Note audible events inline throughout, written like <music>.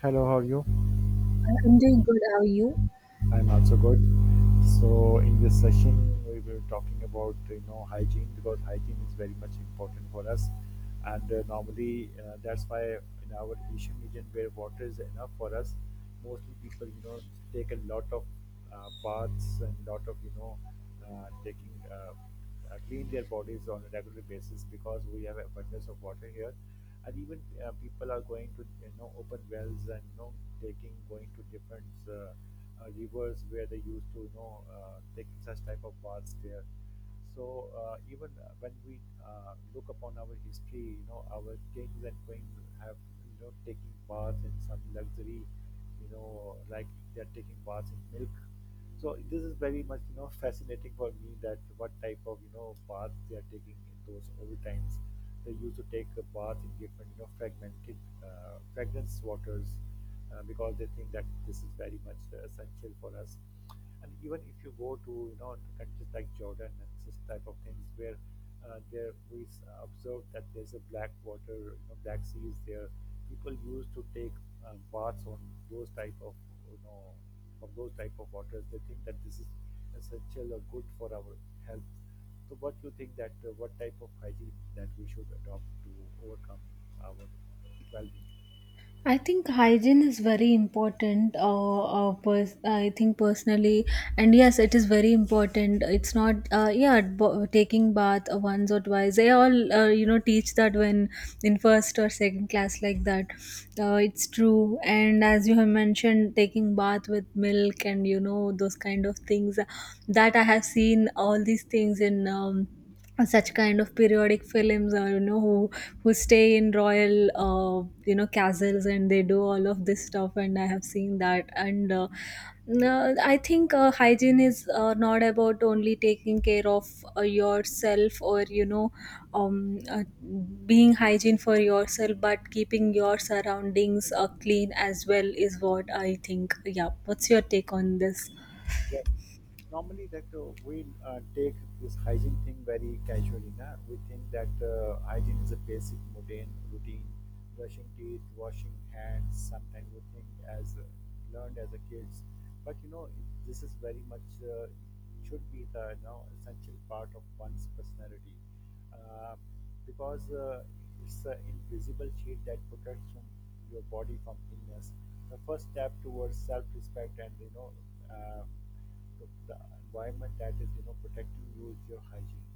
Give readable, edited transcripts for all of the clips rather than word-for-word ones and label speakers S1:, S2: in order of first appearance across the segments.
S1: Hello, how are you?
S2: I'm doing good. How are you?
S1: I'm also good. So in this session, we were talking about hygiene because hygiene is very much important for us, and normally that's why in our Asian region where water is enough for us, mostly people take a lot of baths and lot of taking clean their bodies on a regular basis because we have abundance of water here, and even people are going to open wells and taking going to different. Uh, Rivers where they used to take such type of baths there so even when we look upon our history, our kings and queens have taking baths in some luxury, like they're taking baths in milk. So this is very much fascinating for me that what type of path they are taking in those old times. They used to take a bath in different, fragmented fragrance waters because they think that this is very much essential for us. And even if you go to, to countries like Jordan and such type of things where there we s- observed that there's a black water, black sea is there. People used to take baths on those type of you know from those type of waters. They think that this is essential or good for our health. So, what you think that what type of hygiene that we should adopt to overcome our well-being?
S2: I think hygiene is very important. I think personally, and yes, it is very important. It's not, yeah, b- Taking bath once or twice, they all, teach that when in first or second class like that. It's true. And as you have mentioned, taking bath with milk and you know those kind of things, that I have seen all these things in. Such kind of periodic films, or you know, who stay in royal, you know, castles and they do all of this stuff, and I have seen that. And no, I think, hygiene is, not about only taking care of, yourself, or you know, um, uh, being hygiene for yourself, but keeping your surroundings, clean as well, is what I think. Yeah, what's your take on this?
S1: Yes. Normally, that we take this hygiene thing very casually. Na? We think that hygiene is a basic mundane routine, brushing teeth, washing hands. Sometimes we think as learned as a kids, but this is very much should be the, essential part of one's personality, uh, because it's an invisible shield that protects from your body from illness. The first step towards self-respect and uh, the environment that is protecting you is your hygiene.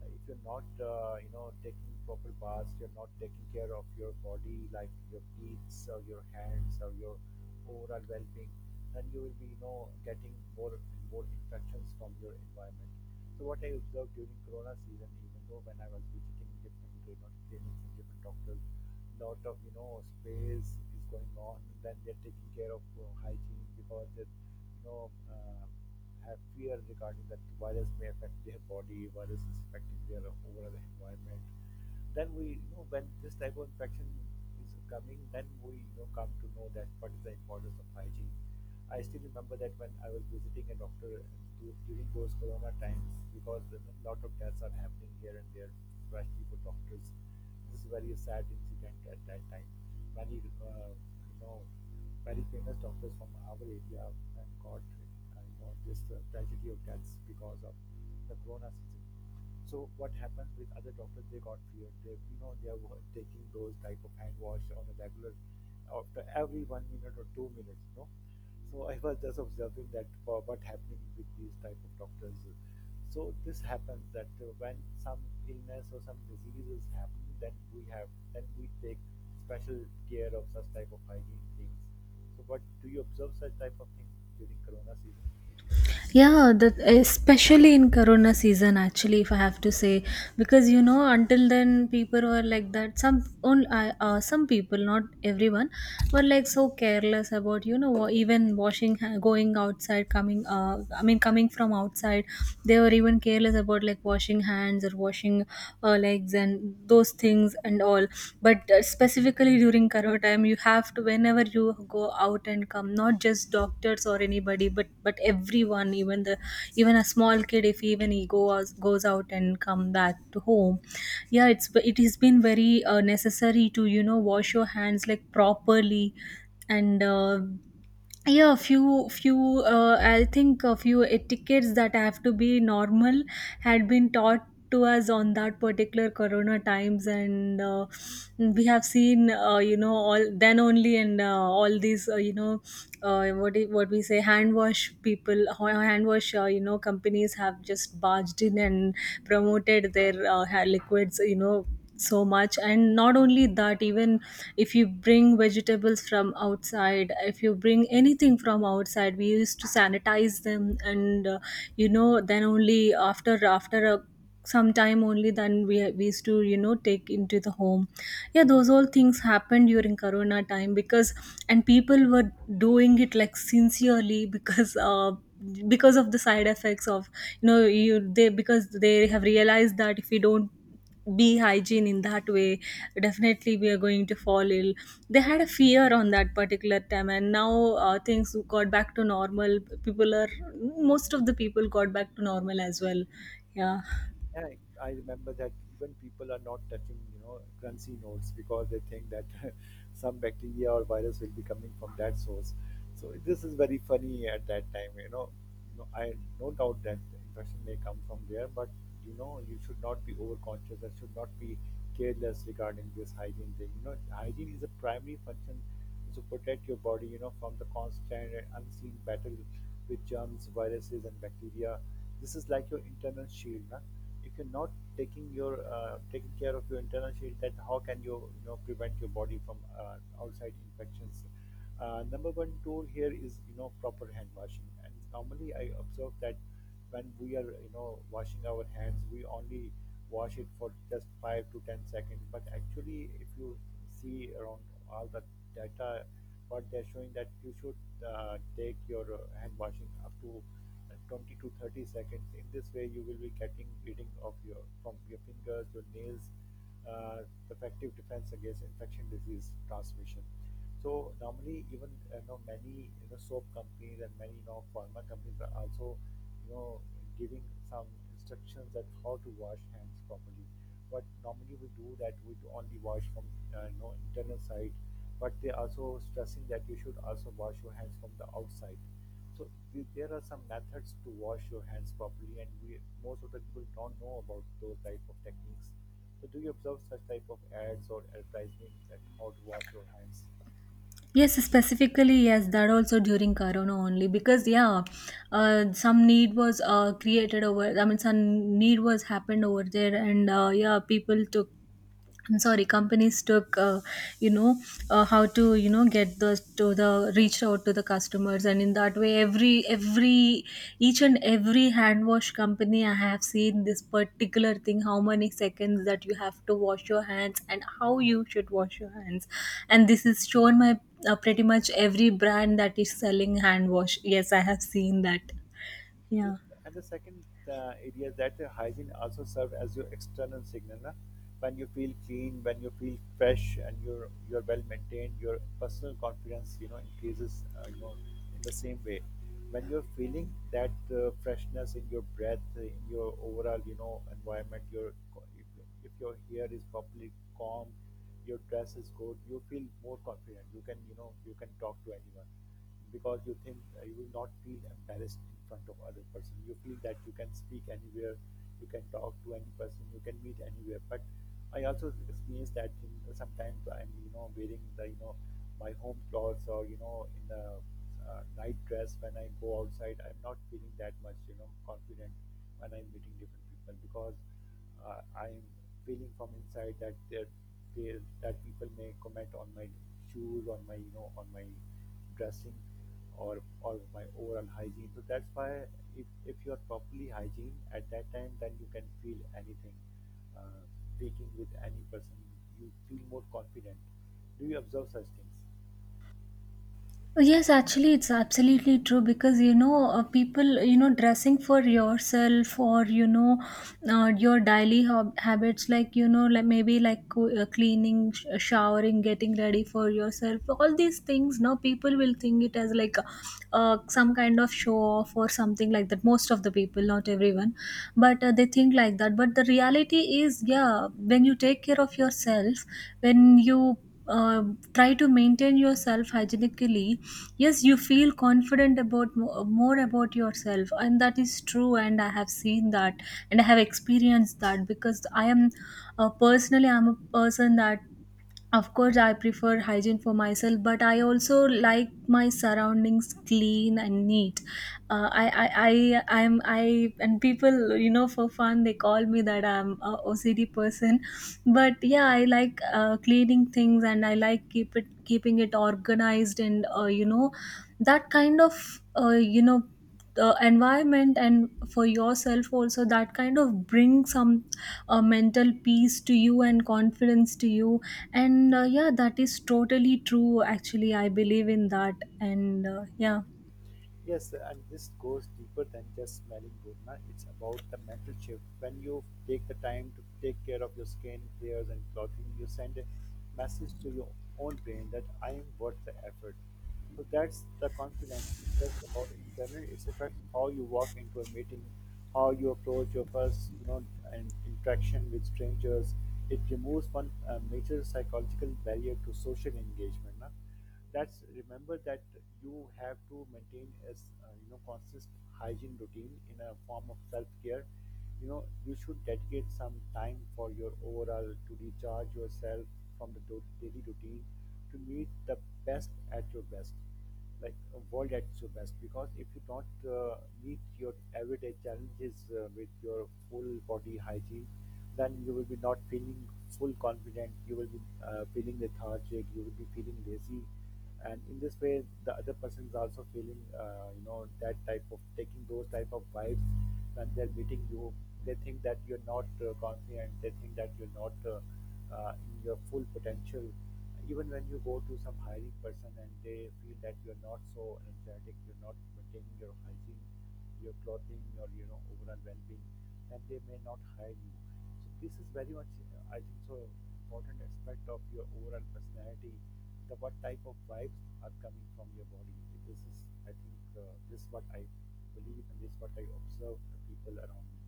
S1: If you're not taking proper baths, you're not taking care of your body like your teeth or your hands or your overall well-being, then you will be getting more and more infections from your environment. So what I observed during Corona season, even though when I was visiting different, clinics and different doctors, lot of space is going on. Then they're taking care of hygiene because they have fear regarding that virus may affect their body, virus is affecting their overall environment. Then we when this type of infection is coming, then we come to know that what is the importance of hygiene. I still remember that when I was visiting a doctor during those corona times, because a lot of deaths are happening here and there, especially for doctors. This is very sad incident at that time. Many, very famous doctors from our area and got, this tragedy of deaths because of the corona season. So what happened with other doctors? They got feared. They, they were taking those type of hand wash on a regular after every 1 minute or 2 minutes. So I was just observing that for what happening with these type of doctors. So this happens that when some illness or some disease is happening, then we have then we take special care of such type of hygiene things. So what do you observe such type of things during Corona season?
S2: Yeah, that especially in Corona season, actually, if I have to say, because you know, until then, people were like that. Some only, some people, not everyone, were like so careless about, you know, even washing, going outside, coming. I mean, coming from outside, they were even careless about like washing hands or washing, legs and those things and all. But specifically during corona time, you have to, whenever you go out and come, not just doctors or anybody, but everyone, even a small kid, if even he goes out and come back to home. Yeah, it's, it has been very, necessary to, you know, wash your hands like properly. And Yeah, few few I think a few etiquettes that have to be normal had been taught to us on that particular corona times. And We have seen, you know, all then only. And All these, you know, what we say, hand wash people, hand wash, you know, companies have just barged in and promoted their, liquids, you know, so much. And not only that, even if you bring vegetables from outside, if you bring anything from outside, we used to sanitize them. And You know, then only, after a some time, only then we used to, you know, take into the home. Yeah, those all things happened during corona time, because, and people were doing it like sincerely, because of the side effects of, you know, you they because they have realized that if we don't be hygiene in that way, definitely we are going to fall ill. They had a fear on that particular time, and now, things got back to normal. People are, most of the people got back to normal as well. Yeah.
S1: Yeah, I remember that even people are not touching, crunchy notes because they think that <laughs> some bacteria or virus will be coming from that source. So this is very funny at that time, I no doubt that the infection may come from there, but you should not be overcautious and should not be careless regarding this hygiene thing. Hygiene is a primary function to protect your body, from the constant and unseen battle with germs, viruses, and bacteria. This is like your internal shield, na? If you're not taking your taking care of your internal shield, then how can you you know prevent your body from outside infections. Number one tool here is proper hand washing, and normally I observe that when we are washing our hands, we only wash it for just 5 to 10 seconds. But actually, if you see around all the data, what they're showing that you should take your hand washing up to 20 to 30 seconds. In this way, you will be getting rid of your from your fingers, your nails, uh, effective defense against infection disease transmission. So normally, even many soap companies and many pharma companies are also you know giving some instructions that how to wash hands properly. But normally we do that we do only wash from internal side, but they also stressing that you should also wash your hands from the outside. So th- there are some methods to wash your hands properly, and we most of the people don't know about those type of techniques. So do you observe such type of ads or advertising that how to wash your hands?
S2: Yes, specifically, yes, that also during Corona only. Because yeah, some need was, created over. I mean, some need was happened over there, and, yeah, people took. I'm sorry, companies took, you know, how to, you know, get those to the reach out to the customers. And in that way, every each and every hand wash company, I have seen this particular thing, how many seconds that you have to wash your hands and how you should wash your hands. And this is shown by, pretty much every brand that is selling hand wash. Yes, I have seen that.
S1: And the,
S2: Yeah.
S1: and the second area is that the hygiene also serves as your external signal. Na? When you feel clean, when you feel fresh, and you're well maintained, your personal confidence, increases. In the same way, when you're feeling that freshness in your breath, in your overall, environment, your co- if your hair is properly calm, your dress is good, you feel more confident. You can, you can talk to anyone because you think you will not feel embarrassed in front of other person. You feel that you can speak anywhere, you can talk to any person, you can meet anywhere, but I also experience that thing sometimes I'm wearing the my home clothes or in a night dress. When I go outside, I'm not feeling that much, confident when I'm meeting different people because uh, I'm feeling from inside that there that people may comment on my shoes, on my, on my dressing or my overall hygiene. So that's why if you are properly hygiene at that time, then you can feel anything. Uh, Speaking with any person, you feel more confident. Do you observe such things?
S2: Oh, yes, actually, it's absolutely true, because you know, people, you know, dressing for yourself, or you know, your daily habits, like you know, like maybe like cleaning, showering, getting ready for yourself, all these things. Now, people will think it as like, some kind of show off or something like that. Most of the people, not everyone, but, they think like that. But the reality is, yeah, when you take care of yourself, when you, uh, try to maintain yourself hygienically, yes, you feel confident about, more about yourself, and that is true, and I have seen that, and I have experienced that, because I am, personally, I'm a person that, of course, I prefer hygiene for myself, but I also like my surroundings clean and neat. And people, you know, for fun, they call me that I'm a OCD person. But yeah, I like, cleaning things, and I like keeping it organized, and, you know, that kind of, you know, the environment, and for yourself also, that kind of brings some, mental peace to you, and confidence to you. And Yeah, that is totally true, actually, I believe in that. And Yeah.
S1: Yes, and this goes deeper than just smelling good. Na? It's about the mental shift. When you take the time to take care of your skin, hairs, and clothing, you send a message to your own brain that I am worth the effort. So that's the confidence. It's just about internal. It affects how you walk into a meeting, how you approach your first, and interaction with strangers. It removes one major psychological barrier to social engagement. Na? That's remember that you have to maintain a consist hygiene routine in a form of self care. You should dedicate some time for your overall to recharge yourself from the daily routine to meet the best at your best, like world at your best. Because if you don't meet your everyday challenges with your full body hygiene, then you will be not feeling full confident. You will be feeling lethargic, you will be feeling lazy. And in this way the other person is also feeling, that type of taking those type of vibes. When they're meeting you, they think that you're not confident, they think that you're not in your full potential. Even when you go to some hiring person and they feel that you're not so energetic, you're not maintaining your hygiene, your clothing, your overall well-being, then they may not hire you. So this is very much, I think, so important aspect of your overall personality, the what type of vibes are coming from your body. This is, I think, this is what I believe and this is what I observe the people around me.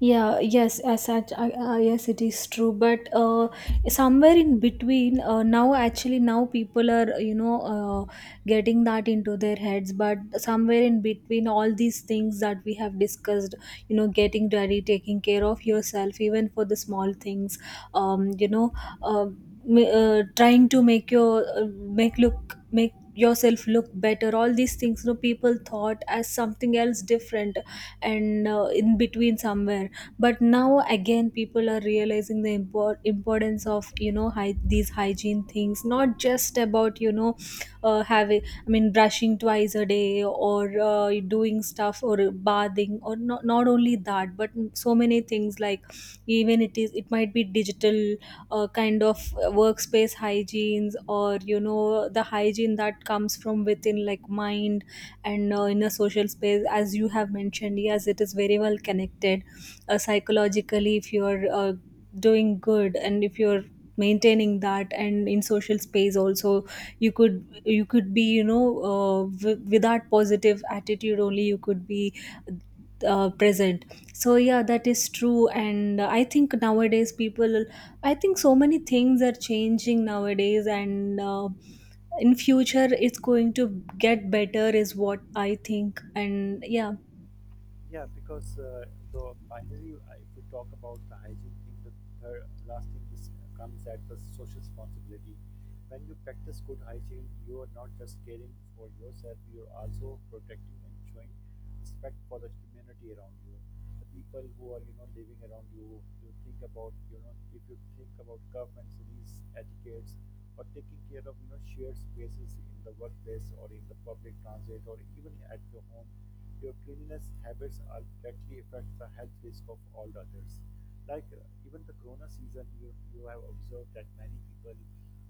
S2: Yeah, yes, as such. Yes, it is true, but somewhere in between, now, actually now people are, you know, uh, getting that into their heads. But somewhere in between all these things that we have discussed, you know, getting ready, taking care of yourself, even for the small things, you know, uh, trying to make your, make yourself look better, all these things, you know, people thought as something else different. And In between somewhere. But now again, people are realizing the importance of, you know, these hygiene things. Not just about, you know, having, I mean, brushing twice a day, or, doing stuff, or bathing or not only that, but so many things like, even it is, it might be digital, kind of, workspace hygienes, or you know, the hygiene that comes from within, like mind. And In a social space, as you have mentioned, yes, it is very well connected. Psychologically, if you're, doing good, and if you're maintaining that, and in social space also, you could be, you know, with that positive attitude only, you could be, present. So yeah, that is true. And I think nowadays people, I think so many things are changing nowadays. And In future it's going to get better is what I think. And yeah.
S1: Yeah, because the finally, if we talk about the hygiene thing, the third, last thing is comes at the social responsibility. When you practice good hygiene, you are not just caring for yourself; you are also protecting and showing respect for the community around you, the people who are living around you. You think about if you think about governments, these etiquettes, or taking care of shared spaces in the workplace or in the public transit or even at your home, your cleanliness habits directly affect the health risk of all others. Like even the corona season, you have observed that many people,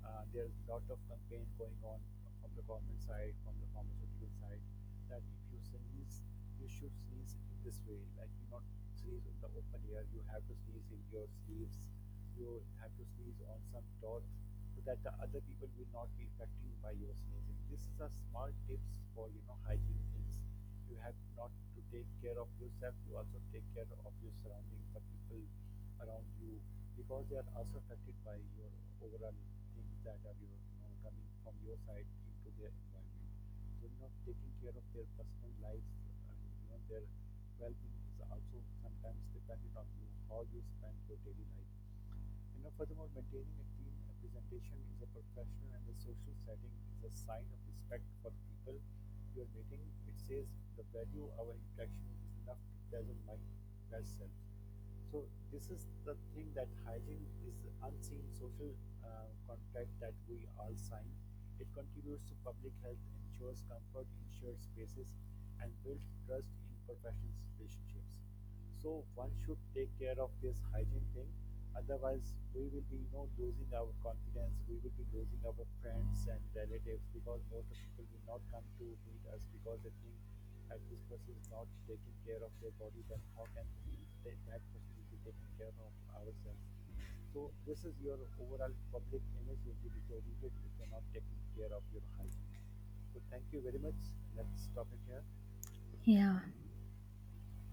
S1: there's a lot of campaign going on from the government side, from the pharmaceutical side, that if you sneeze, you should sneeze in this way. Like you not sneeze in the open air, you have to sneeze in your sleeves, you have to sneeze on some cloth so that the other people will not be affected by your sneezing. This is a small tips for hygiene things. You have not to take care of yourself, you also take care of your surrounding, the people around you, because they are also affected by your overall things that are your, coming from your side into their environment. So, taking care of their personal lives and, their well-being is also sometimes dependent on you, how you spend your daily life. Furthermore, maintaining a clean representation is a professional and a social setting is a sign of respect for the people you are meeting. It says the value of our interaction is enough to dazzle my best self. So this is the thing that hygiene is unseen social contract that we all sign. It contributes to public health, ensures comfort in shared spaces, and builds trust in professional relationships. So one should take care of this hygiene thing. Otherwise, we will be losing our confidence. We will be losing our friends and relatives because most of people will not come to meet us because they think if this person is not taking care of their body, then how can they, that person will be taking care of ourselves? So this is your overall public image will be deteriorated if you're not taking care of your hygiene. So thank you very much. Let's stop it here.
S2: Yeah.